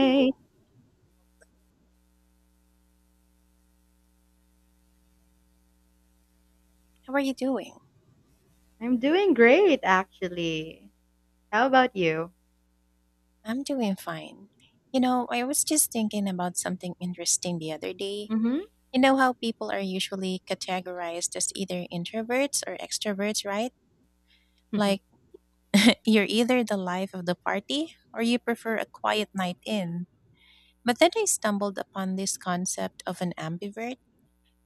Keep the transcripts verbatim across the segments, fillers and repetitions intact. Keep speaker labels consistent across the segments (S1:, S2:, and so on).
S1: How are you doing?
S2: I'm doing great actually. How about you?
S1: I'm doing fine. You know, I was just thinking about something interesting the other day.
S2: Hmm.
S1: You know how people are usually categorized as either introverts or extroverts, right? Like, you're either the life of the party or you prefer a quiet night in. But then I stumbled upon this concept of an ambivert,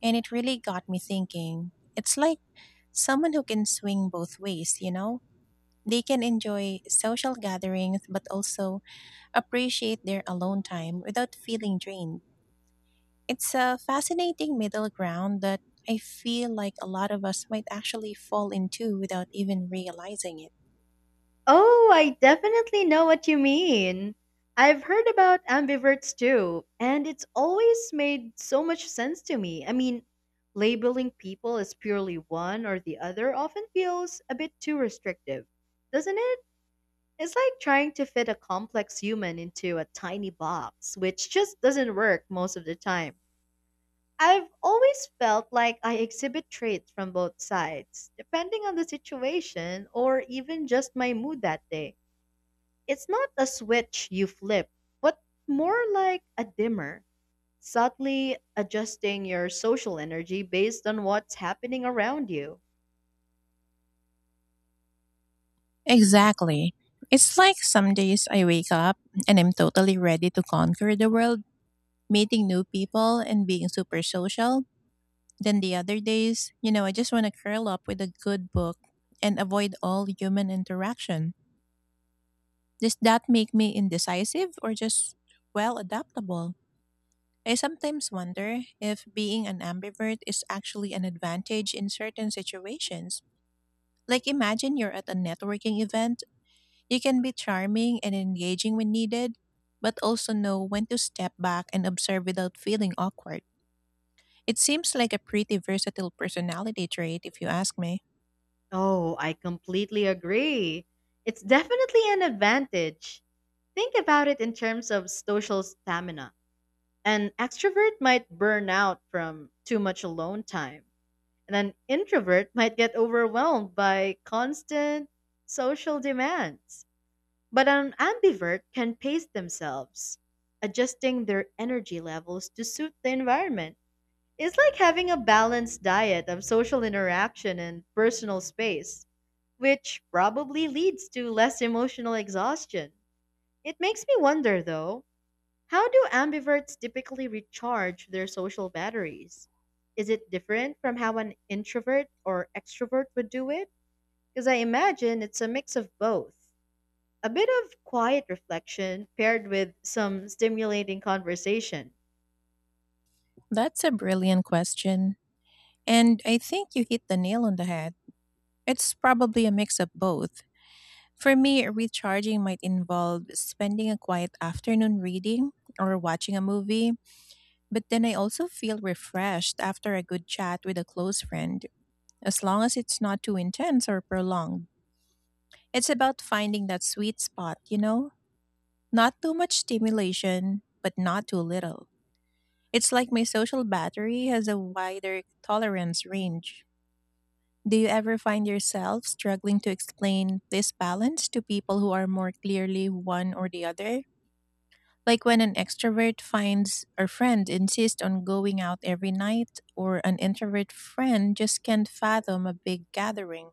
S1: and it really got me thinking. It's like someone who can swing both ways, you know? They can enjoy social gatherings, but also appreciate their alone time without feeling drained. It's a fascinating middle ground that I feel like a lot of us might actually fall into without even realizing it.
S2: Oh, I definitely know what you mean. I've heard about ambiverts too, and it's always made so much sense to me. I mean, labeling people as purely one or the other often feels a bit too restrictive, doesn't it? It's like trying to fit a complex human into a tiny box, which just doesn't work most of the time. I've always felt like I exhibit traits from both sides, depending on the situation or even just my mood that day. It's not a switch you flip, but more like a dimmer, subtly adjusting your social energy based on what's happening around you.
S1: Exactly. It's like some days I wake up and I'm totally ready to conquer the world, meeting new people and being super social. Then the other days, you know, I just want to curl up with a good book and avoid all human interaction. Does that make me indecisive or just well, adaptable? I sometimes wonder if being an ambivert is actually an advantage in certain situations. Like, imagine you're at a networking event. You can be charming and engaging when needed, but also know when to step back and observe without feeling awkward. It seems like a pretty versatile personality trait, if you ask me.
S2: Oh, I completely agree. It's definitely an advantage. Think about it in terms of social stamina. An extrovert might burn out from too much alone time, and an introvert might get overwhelmed by constant social demands. But an ambivert can pace themselves, adjusting their energy levels to suit the environment. It's like having a balanced diet of social interaction and personal space, which probably leads to less emotional exhaustion. It makes me wonder, though, how do ambiverts typically recharge their social batteries? Is it different from how an introvert or extrovert would do it? Because I imagine it's a mix of both. A bit of quiet reflection paired with some stimulating conversation.
S1: That's a brilliant question, and I think you hit the nail on the head. It's probably a mix of both. For me, recharging might involve spending a quiet afternoon reading or watching a movie, but then I also feel refreshed after a good chat with a close friend, as long as it's not too intense or prolonged. It's about finding that sweet spot, you know? Not too much stimulation, but not too little. It's like my social battery has a wider tolerance range. Do you ever find yourself struggling to explain this balance to people who are more clearly one or the other? Like when an extrovert finds a friend insists on going out every night, or an introvert friend just can't fathom a big gathering?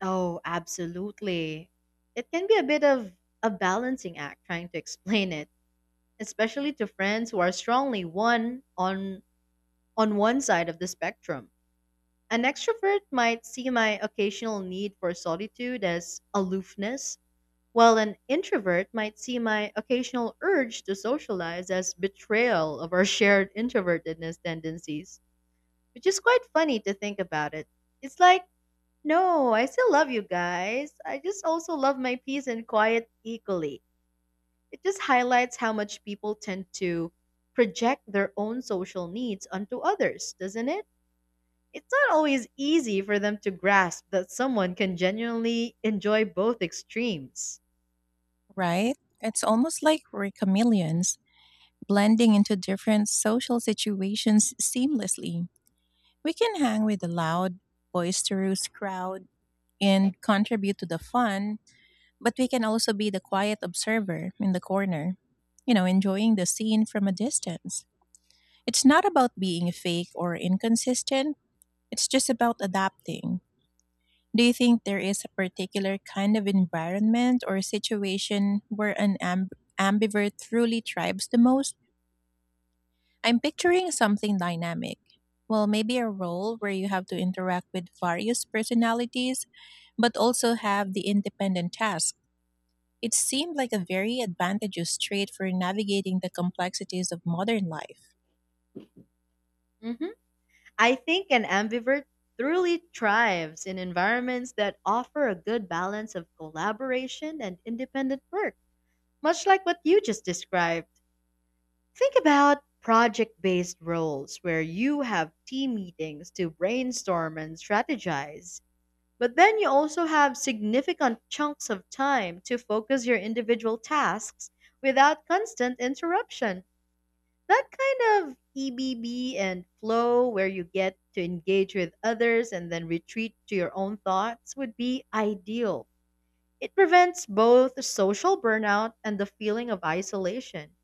S2: Oh, absolutely. It can be a bit of a balancing act trying to explain it, especially to friends who are strongly one on on one side of the spectrum. An extrovert might see my occasional need for solitude as aloofness, while an introvert might see my occasional urge to socialize as betrayal of our shared introvertedness tendencies, which is quite funny to think about it. It's like, no, I still love you guys. I just also love my peace and quiet equally. It just highlights how much people tend to project their own social needs onto others, doesn't it? It's not always easy for them to grasp that someone can genuinely enjoy both extremes.
S1: Right? It's almost like we're chameleons, blending into different social situations seamlessly. We can hang with the loud, boisterous crowd and contribute to the fun, but we can also be the quiet observer in the corner, you know, enjoying the scene from a distance. It's not about being fake or inconsistent. It's just about adapting. Do you think there is a particular kind of environment or situation where an amb- ambivert truly thrives the most? I'm picturing something dynamic. Well, maybe a role where you have to interact with various personalities, but also have the independent task. It seemed like a very advantageous trait for navigating the complexities of modern life.
S2: Mhm. I think an ambivert truly thrives in environments that offer a good balance of collaboration and independent work, much like what you just described. Think about project based roles where you have team meetings to brainstorm and strategize. But then you also have significant chunks of time to focus your individual tasks without constant interruption. That kind of ebb and flow where you get to engage with others and then retreat to your own thoughts would be ideal. It prevents both social burnout and the feeling of isolation.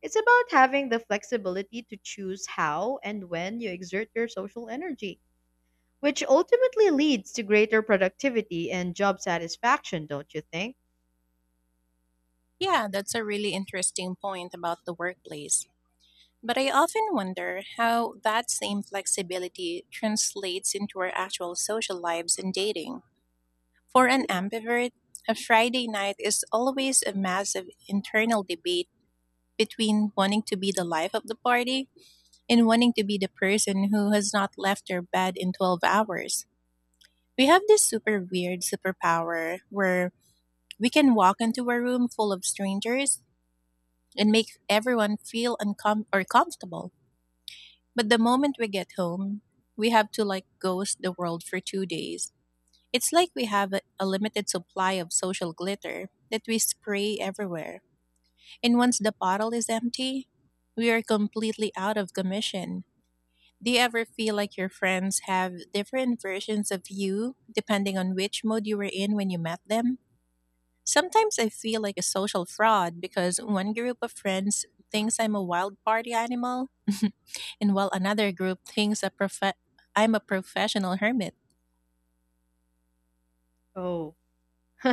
S2: It's about having the flexibility to choose how and when you exert your social energy, which ultimately leads to greater productivity and job satisfaction, don't you think?
S1: Yeah, that's a really interesting point about the workplace. But I often wonder how that same flexibility translates into our actual social lives and dating. For an ambivert, a Friday night is always a massive internal debate between wanting to be the life of the party and wanting to be the person who has not left their bed in twelve hours. We have this super weird superpower where we can walk into a room full of strangers and make everyone feel uncom- or comfortable. But the moment we get home, we have to like ghost the world for two days. It's like we have a, a limited supply of social glitter that we spray everywhere. And once the bottle is empty, we are completely out of commission. Do you ever feel like your friends have different versions of you depending on which mode you were in when you met them? Sometimes I feel like a social fraud because one group of friends thinks I'm a wild party animal, and while another group thinks a professor, I'm a professional hermit,
S2: Oh,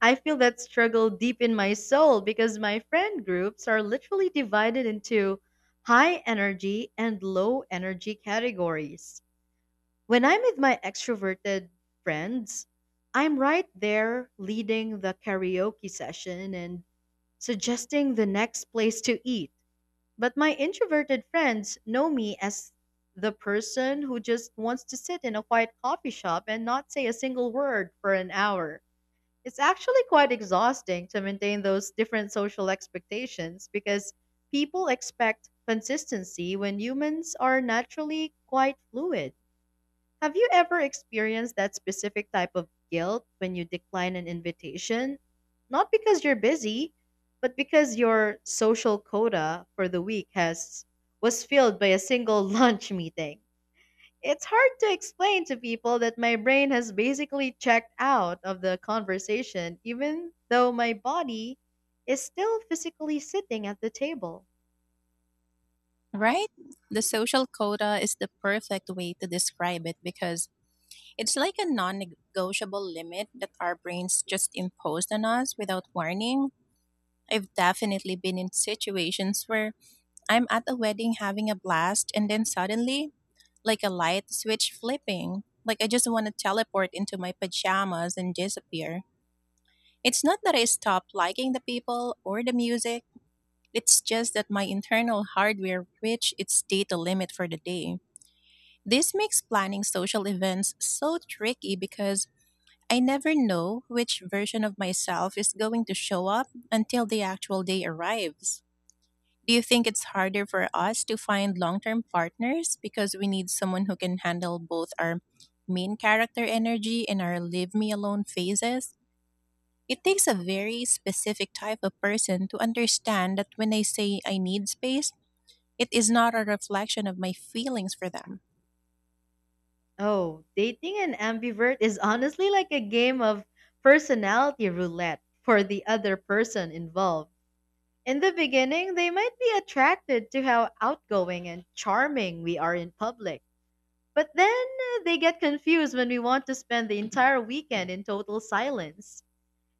S2: I feel that struggle deep in my soul because my friend groups are literally divided into high energy and low energy categories. When I'm with my extroverted friends, I'm right there leading the karaoke session and suggesting the next place to eat. But my introverted friends know me as the person who just wants to sit in a quiet coffee shop and not say a single word for an hour. It's actually quite exhausting to maintain those different social expectations because people expect consistency when humans are naturally quite fluid. Have you ever experienced that specific type of guilt when you decline an invitation? Not because you're busy, but because your social quota for the week has was filled by a single lunch meeting. It's hard to explain to people that my brain has basically checked out of the conversation even though my body is still physically sitting at the table.
S1: right? The social quota is the perfect way to describe it, because it's like a non negotiable limit that our brains just imposed on us without warning. I've definitely been in situations where I'm at a wedding having a blast, and then suddenly, like a light switch flipping, like I just want to teleport into my pajamas and disappear. It's not that I stopped liking the people or the music. It's just that my internal hardware reached its data limit for the day. This makes planning social events so tricky, because I never know which version of myself is going to show up until the actual day arrives. Do you think it's harder for us to find long term partners because we need someone who can handle both our main character energy and our leave me alone phases? It takes a very specific type of person to understand that when I say I need space, it is not a reflection of my feelings for them.
S2: Oh, dating an ambivert is honestly like a game of personality roulette for the other person involved. In the beginning, they might be attracted to how outgoing and charming we are in public. But then uh, they get confused when we want to spend the entire weekend in total silence.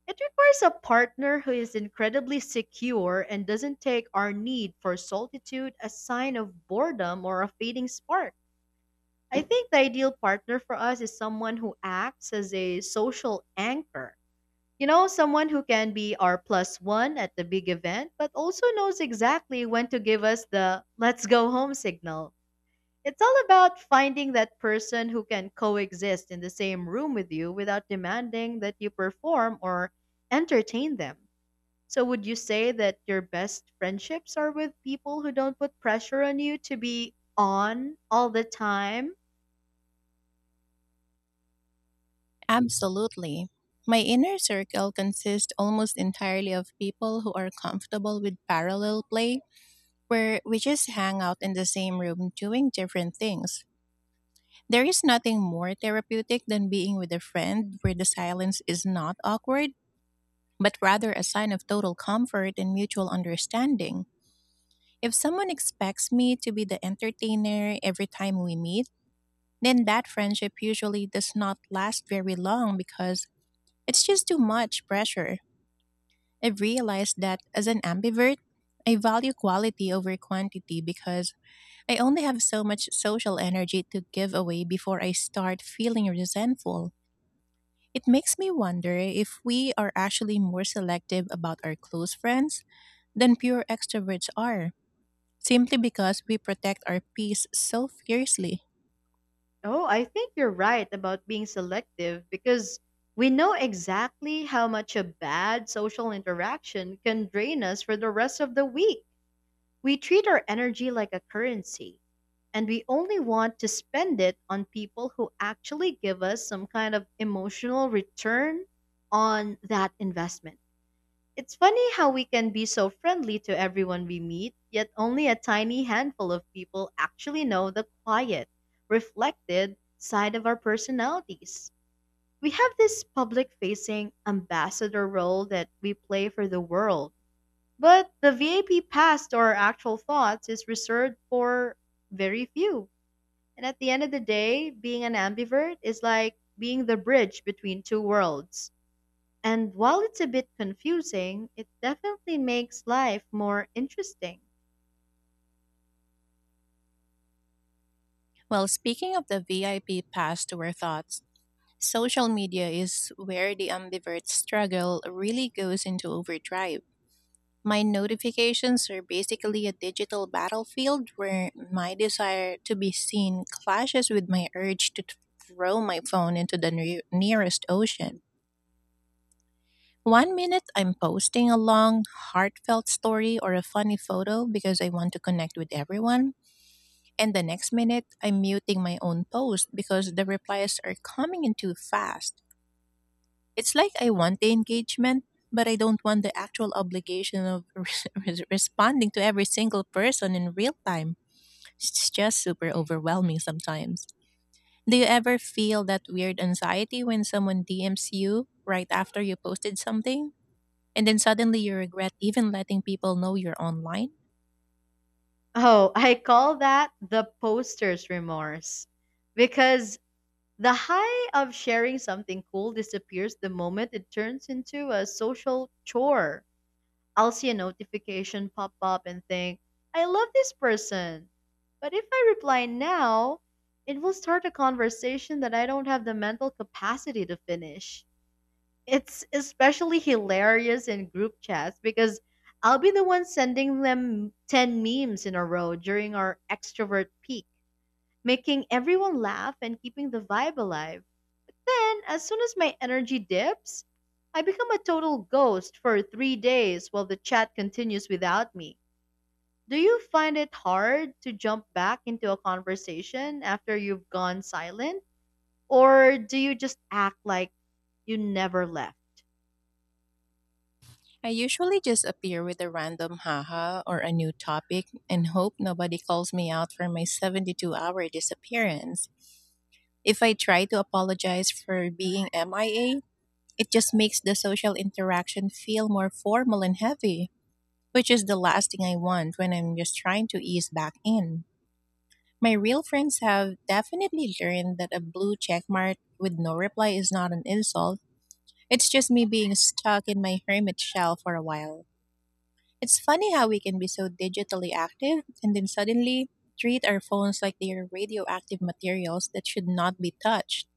S2: It requires a partner who is incredibly secure and doesn't take our need for solitude as sign of boredom or a fading spark. I think the ideal partner for us is someone who acts as a social anchor. You know, someone who can be our plus one at the big event, but also knows exactly when to give us the let's go home signal. It's all about finding that person who can coexist in the same room with you without demanding that you perform or entertain them. So, would you say that your best friendships are with people who don't put pressure on you to be on all the time?
S1: Absolutely. My inner circle consists almost entirely of people who are comfortable with parallel play, where we just hang out in the same room doing different things. There is nothing more therapeutic than being with a friend where the silence is not awkward, but rather a sign of total comfort and mutual understanding. If someone expects me to be the entertainer every time we meet, then that friendship usually does not last very long, because it's just too much pressure. I've realized that as an ambivert, I value quality over quantity, because I only have so much social energy to give away before I start feeling resentful. It makes me wonder if we are actually more selective about our close friends than pure extroverts are, simply because we protect our peace so fiercely.
S2: Oh, I think you're right about being selective because we know exactly how much a bad social interaction can drain us for the rest of the week. We treat our energy like a currency, and we only want to spend it on people who actually give us some kind of emotional return on that investment. It's funny how we can be so friendly to everyone we meet, yet only a tiny handful of people actually know the quiet, reflected side of our personalities. We have this public facing ambassador role that we play for the world, but the V I P pass to our actual thoughts is reserved for very few. And at the end of the day, being an ambivert is like being the bridge between two worlds. And while it's a bit confusing, it definitely makes life more interesting.
S1: Well, speaking of the V I P pass to our thoughts, social media is where the ambivert struggle really goes into overdrive. My notifications are basically a digital battlefield where my desire to be seen clashes with my urge to throw my phone into the ne- nearest ocean. One minute I'm posting a long, heartfelt story or a funny photo because I want to connect with everyone. And the next minute, I'm muting my own post because the replies are coming in too fast. It's like I want the engagement, but I don't want the actual obligation of res- responding to every single person in real time. It's just super overwhelming sometimes. Do you ever feel that weird anxiety when someone D Ms you right after you posted something, and then suddenly you regret even letting people know you're online?
S2: Oh, I call that the poster's remorse. Because the high of sharing something cool disappears the moment it turns into a social chore. I'll see a notification pop up and think, I love this person. But if I reply now, it will start a conversation that I don't have the mental capacity to finish. It's especially hilarious in group chats because I'll be the one sending them ten memes in a row during our extrovert peak, making everyone laugh and keeping the vibe alive. Then, as soon as my energy dips, I become a total ghost for three days while the chat continues without me. Do you find it hard to jump back into a conversation after you've gone silent? Or do you just act like you never left?
S1: I usually just appear with a random haha or a new topic and hope nobody calls me out for my seventy-two hour disappearance. If I try to apologize for being M I A, it just makes the social interaction feel more formal and heavy, which is the last thing I want when I'm just trying to ease back in. My real friends have definitely learned that a blue check mark with no reply is not an insult. It's just me being stuck in my hermit shell for a while. It's funny how we can be so digitally active and then suddenly treat our phones like they are radioactive materials that should not be touched.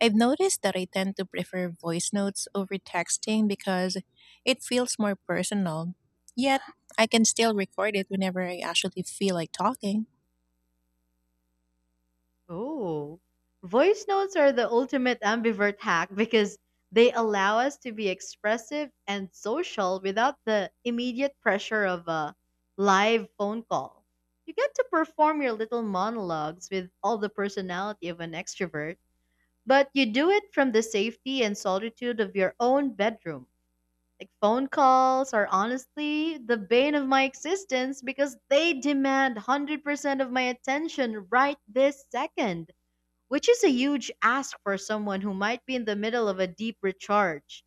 S1: I've noticed that I tend to prefer voice notes over texting because it feels more personal. Yet, I can still record it whenever I actually feel like talking.
S2: Oh, voice notes are the ultimate ambivert hack because they allow us to be expressive and social without the immediate pressure of a live phone call. You get to perform your little monologues with all the personality of an extrovert, but you do it from the safety and solitude of your own bedroom. Like phone calls are honestly the bane of my existence because they demand one hundred percent of my attention right this second, which is a huge ask for someone who might be in the middle of a deep recharge.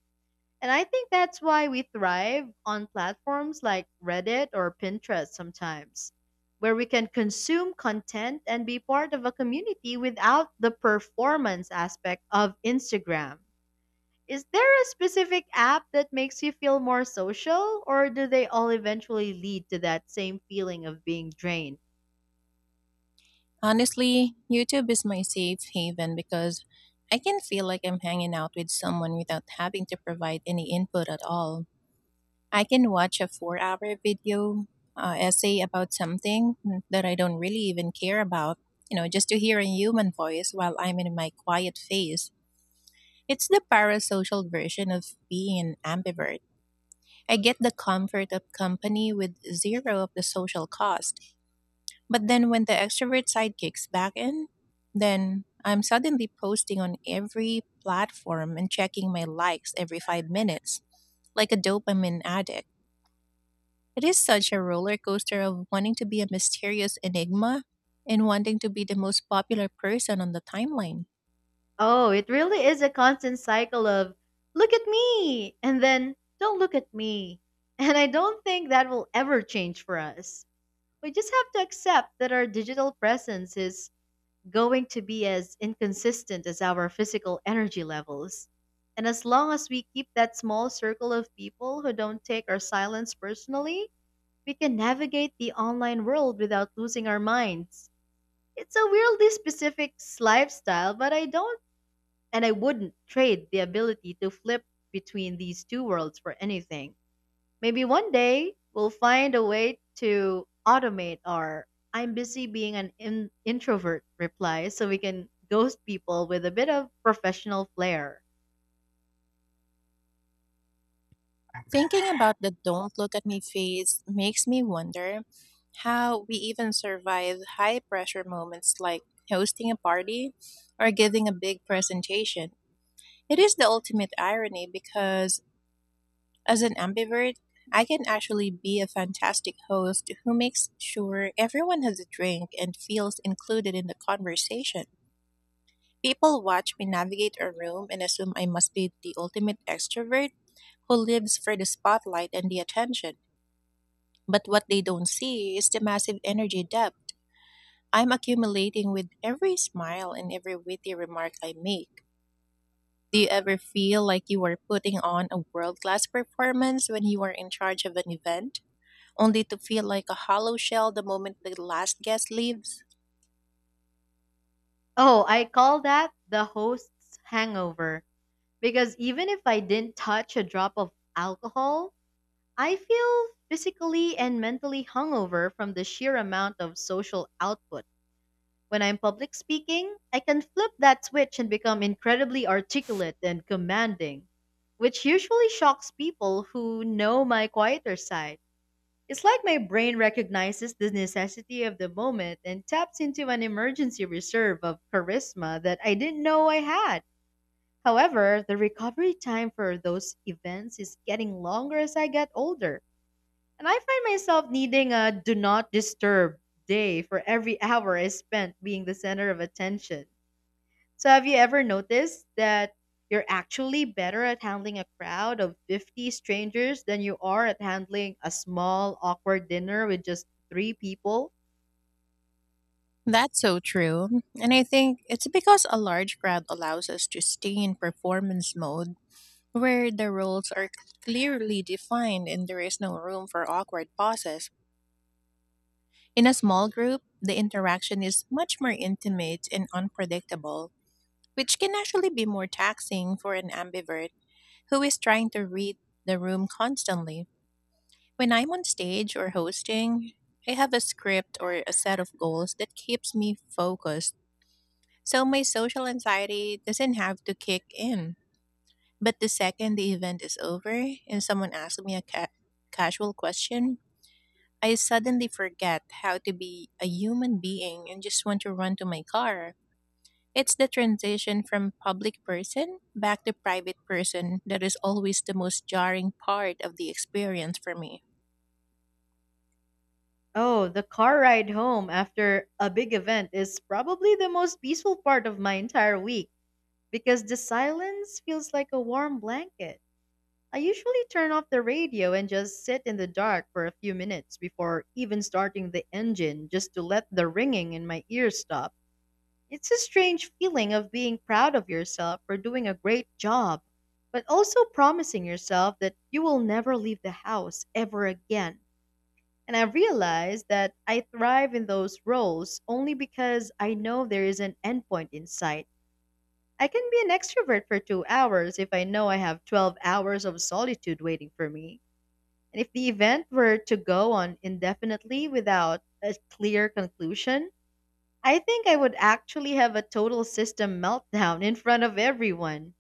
S2: And I think that's why we thrive on platforms like Reddit or Pinterest sometimes, where we can consume content and be part of a community without the performance aspect of Instagram. Is there a specific app that makes you feel more social, or do they all eventually lead to that same feeling of being drained?
S1: Honestly, YouTube is my safe haven, because I can feel like I'm hanging out with someone without having to provide any input at all. I can watch a four hour video uh, essay about something that I don't really even care about, you know, just to hear a human voice while I'm in my quiet phase. It's the parasocial version of being an ambivert. I get the comfort of company with zero of the social cost. But then when the extrovert side kicks back in, then I'm suddenly posting on every platform and checking my likes every five minutes, like a dopamine addict. It is such a roller coaster of wanting to be a mysterious enigma and wanting to be the most popular person on the timeline.
S2: Oh, it really is a constant cycle of look at me and then don't look at me. And I don't think that will ever change for us. We just have to accept that our digital presence is going to be as inconsistent as our physical energy levels. And as long as we keep that small circle of people who don't take our silence personally, we can navigate the online world without losing our minds. It's a weirdly specific lifestyle, but I don't, and I wouldn't trade the ability to flip between these two worlds for anything. Maybe one day we'll find a way to automate our I'm busy being an in- introvert reply so we can ghost people with a bit of professional flair.
S1: Thinking about the don't look at me phase makes me wonder how we even survive high pressure moments like hosting a party or giving a big presentation. It is the ultimate irony because, as an ambivert, I can actually be a fantastic host who makes sure everyone has a drink and feels included in the conversation. People watch me navigate a room and assume I must be the ultimate extrovert who lives for the spotlight and the attention. But what they don't see is the massive energy debt I'm accumulating with every smile and every witty remark I make. Do you ever feel like you are putting on a world class performance when you are in charge of an event, only to feel like a hollow shell the moment the last guest leaves?
S2: Oh, I call that the host's hangover because even if I didn't touch a drop of alcohol, I feel physically and mentally hungover from the sheer amount of social output. When I'm public speaking, I can flip that switch and become incredibly articulate and commanding, which usually shocks people who know my quieter side. It's like my brain recognizes the necessity of the moment and taps into an emergency reserve of charisma that I didn't know I had. However, the recovery time for those events is getting longer as I get older. And I find myself needing a do not disturb day for every hour I spent being the center of attention. So, have you ever noticed that you're actually better at handling a crowd of fifty strangers than you are at handling a small, awkward dinner with just three people?
S1: That's so true. And I think it's because a large crowd allows us to stay in performance mode where the roles are clearly defined and there is no room for awkward pauses. In a small group, the interaction is much more intimate and unpredictable, which can actually be more taxing for an ambivert who is trying to read the room constantly. When I'm on stage or hosting, I have a script or a set of goals that keeps me focused, so my social anxiety doesn't have to kick in. But the second the event is over and someone asks me a ca- casual question, I suddenly forget how to be a human being and just want to run to my car. It's the transition from public person back to private person that is always the most jarring part of the experience for me.
S2: Oh, the car ride home after a big event is probably the most peaceful part of my entire week because the silence feels like a warm blanket. I usually turn off the radio and just sit in the dark for a few minutes before even starting the engine just to let the ringing in my ears stop. It's a strange feeling of being proud of yourself for doing a great job, but also promising yourself that you will never leave the house ever again. And I realize that I thrive in those roles only because I know there is an endpoint in sight. I can be an extrovert for two hours if I know I have twelve hours of solitude waiting for me. And if the event were to go on indefinitely without a clear conclusion, I think I would actually have a total system meltdown in front of everyone.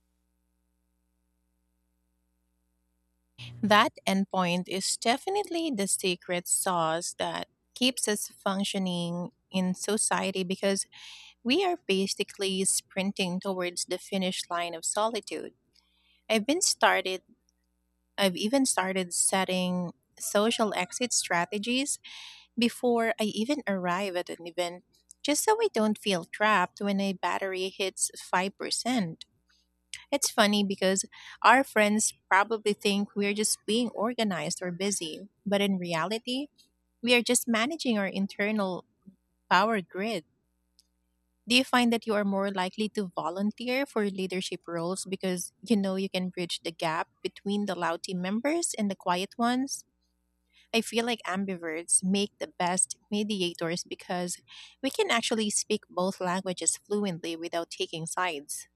S1: That endpoint is definitely the secret sauce that keeps us functioning in society because we are basically sprinting towards the finish line of solitude. I've been started I've even started setting social exit strategies before I even arrive at an event, just so I don't feel trapped when a battery hits five percent. It's funny because our friends probably think we're just being organized or busy, but in reality, we are just managing our internal power grid. Do you find that you are more likely to volunteer for leadership roles because you know you can bridge the gap between the loud team members and the quiet ones? I feel like ambiverts make the best mediators because we can actually speak both languages fluently without taking sides.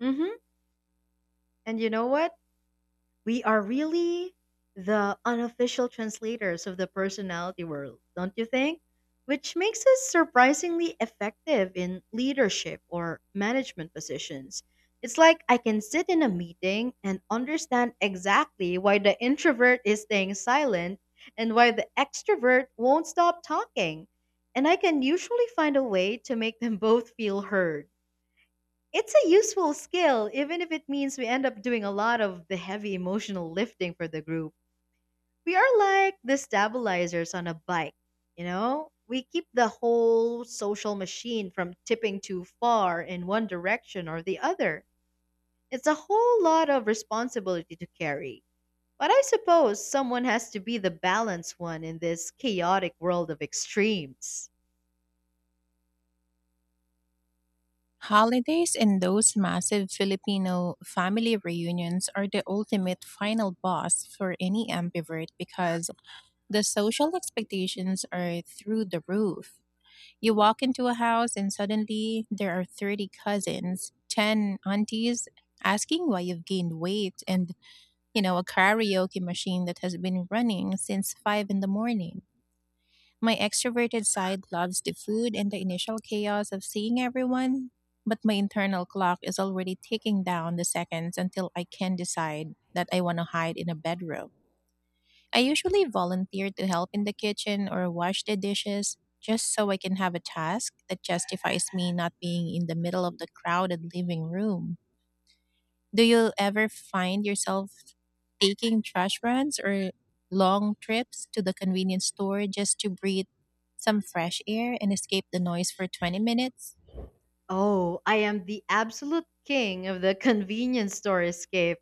S2: Hmm. And you know what? We are really the unofficial translators of the personality world, don't you think? Which makes us surprisingly effective in leadership or management positions. It's like I can sit in a meeting and understand exactly why the introvert is staying silent and why the extrovert won't stop talking. And I can usually find a way to make them both feel heard. It's a useful skill, even if it means we end up doing a lot of the heavy emotional lifting for the group. We are like the stabilizers on a bike, you know? We keep the whole social machine from tipping too far in one direction or the other. It's a whole lot of responsibility to carry. But I suppose someone has to be the balanced one in this chaotic world of extremes.
S1: Holidays and those massive Filipino family reunions are the ultimate final boss for any ambivert because the social expectations are through the roof. You walk into a house and suddenly there are thirty cousins, ten aunties asking why you've gained weight, and, you know, a karaoke machine that has been running since five in the morning. My extroverted side loves the food and the initial chaos of seeing everyone, but my internal clock is already ticking down the seconds until I can decide that I want to hide in a bedroom. I usually volunteer to help in the kitchen or wash the dishes just so I can have a task that justifies me not being in the middle of the crowded living room. Do you ever find yourself taking trash runs or long trips to the convenience store just to breathe some fresh air and escape the noise for twenty minutes?
S2: Oh, I am the absolute king of the convenience store escape,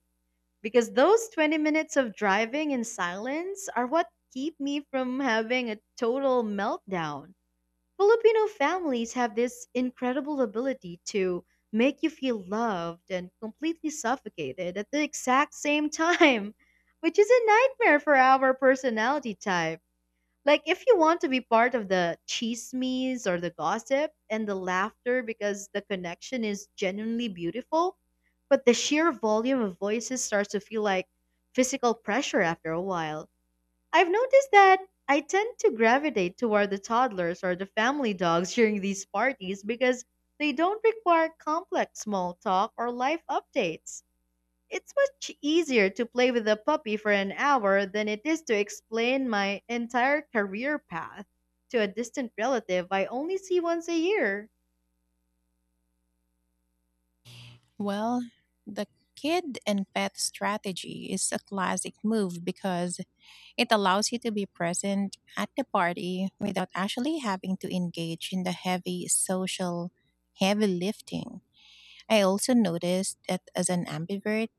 S2: because those twenty minutes of driving in silence are what keep me from having a total meltdown. Filipino families have this incredible ability to make you feel loved and completely suffocated at the exact same time, which is a nightmare for our personality type. Like, if you want to be part of the chismes or the gossip and the laughter because the connection is genuinely beautiful, but the sheer volume of voices starts to feel like physical pressure after a while. I've noticed that I tend to gravitate toward the toddlers or the family dogs during these parties, because they don't require complex small talk or life updates. It's much easier to play with a puppy for an hour than it is to explain my entire career path to a distant relative I only see once a year.
S1: Well, the kid and pet strategy is a classic move because it allows you to be present at the party without actually having to engage in the heavy social, heavy lifting. I also noticed that, as an ambivert,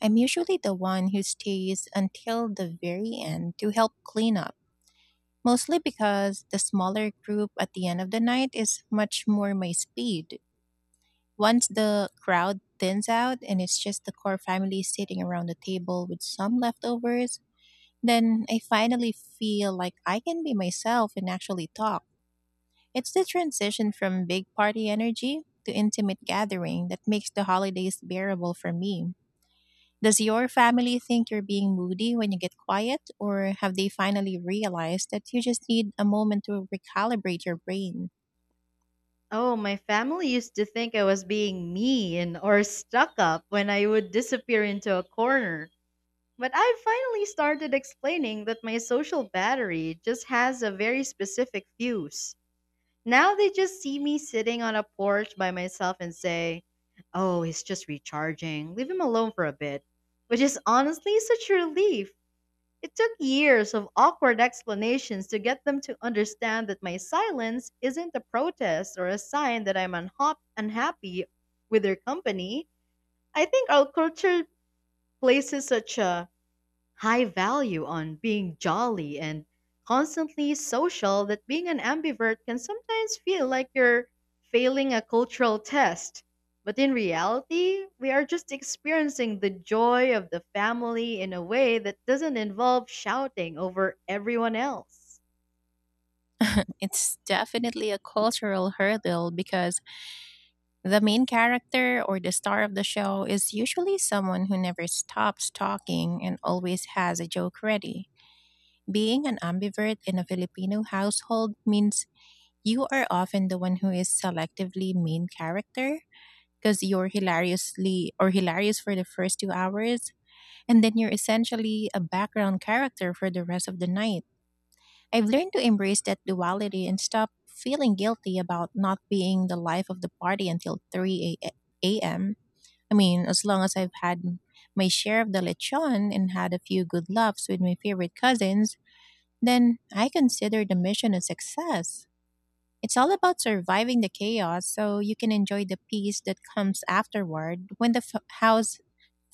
S1: I'm usually the one who stays until the very end to help clean up, mostly because the smaller group at the end of the night is much more my speed. Once the crowd thins out and it's just the core family sitting around the table with some leftovers, then I finally feel like I can be myself and actually talk. It's the transition from big party energy to intimate gathering that makes the holidays bearable for me. Does your family think you're being moody when you get quiet, or have they finally realized that you just need a moment to recalibrate your brain?
S2: Oh, my family used to think I was being mean or stuck up when I would disappear into a corner. But I finally started explaining that my social battery just has a very specific fuse. Now they just see me sitting on a porch by myself and say, "Oh, he's just recharging. Leave him alone for a bit." Which is honestly such a relief. It took years of awkward explanations to get them to understand that my silence isn't a protest or a sign that I'm unha- unhappy with their company. I think our culture places such a high value on being jolly and constantly social that being an ambivert can sometimes feel like you're failing a cultural test. But in reality, we are just experiencing the joy of the family in a way that doesn't involve shouting over everyone else.
S1: It's definitely a cultural hurdle because the main character, or the star of the show, is usually someone who never stops talking and always has a joke ready. Being an ambivert in a Filipino household means you are often the one who is selectively main character because you're hilariously or hilarious for the first two hours, and then you're essentially a background character for the rest of the night. I've learned to embrace that duality and stop feeling guilty about not being the life of the party until three a- a.m. I mean, as long as I've had my share of the lechon and had a few good laughs with my favorite cousins, then I consider the mission a success. It's all about surviving the chaos so you can enjoy the peace that comes afterward when the f- house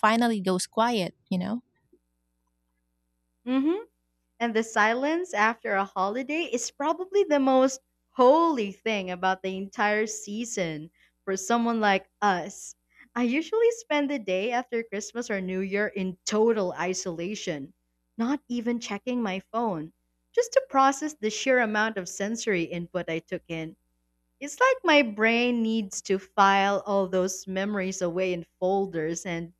S1: finally goes quiet, you know?
S2: Hmm. And the silence after a holiday is probably the most holy thing about the entire season for someone like us. I usually spend the day after Christmas or New Year in total isolation, not even checking my phone, just to process the sheer amount of sensory input I took in. It's like my brain needs to file all those memories away in folders, and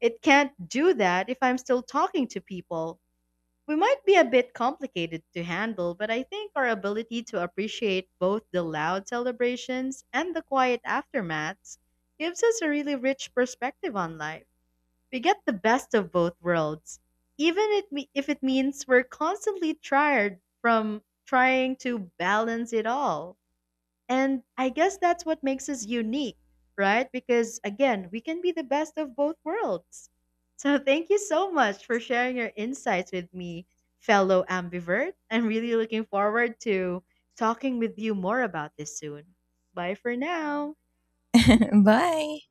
S2: it can't do that if I'm still talking to people. We might be a bit complicated to handle, but I think our ability to appreciate both the loud celebrations and the quiet aftermaths gives us a really rich perspective on life. We get the best of both worlds, even it me- if it means we're constantly tired from trying to balance it all. And I guess that's what makes us unique, right? Because again, we can be the best of both worlds. So thank you so much for sharing your insights with me, fellow ambivert. I'm really looking forward to talking with you more about this soon. Bye for now.
S1: Bye.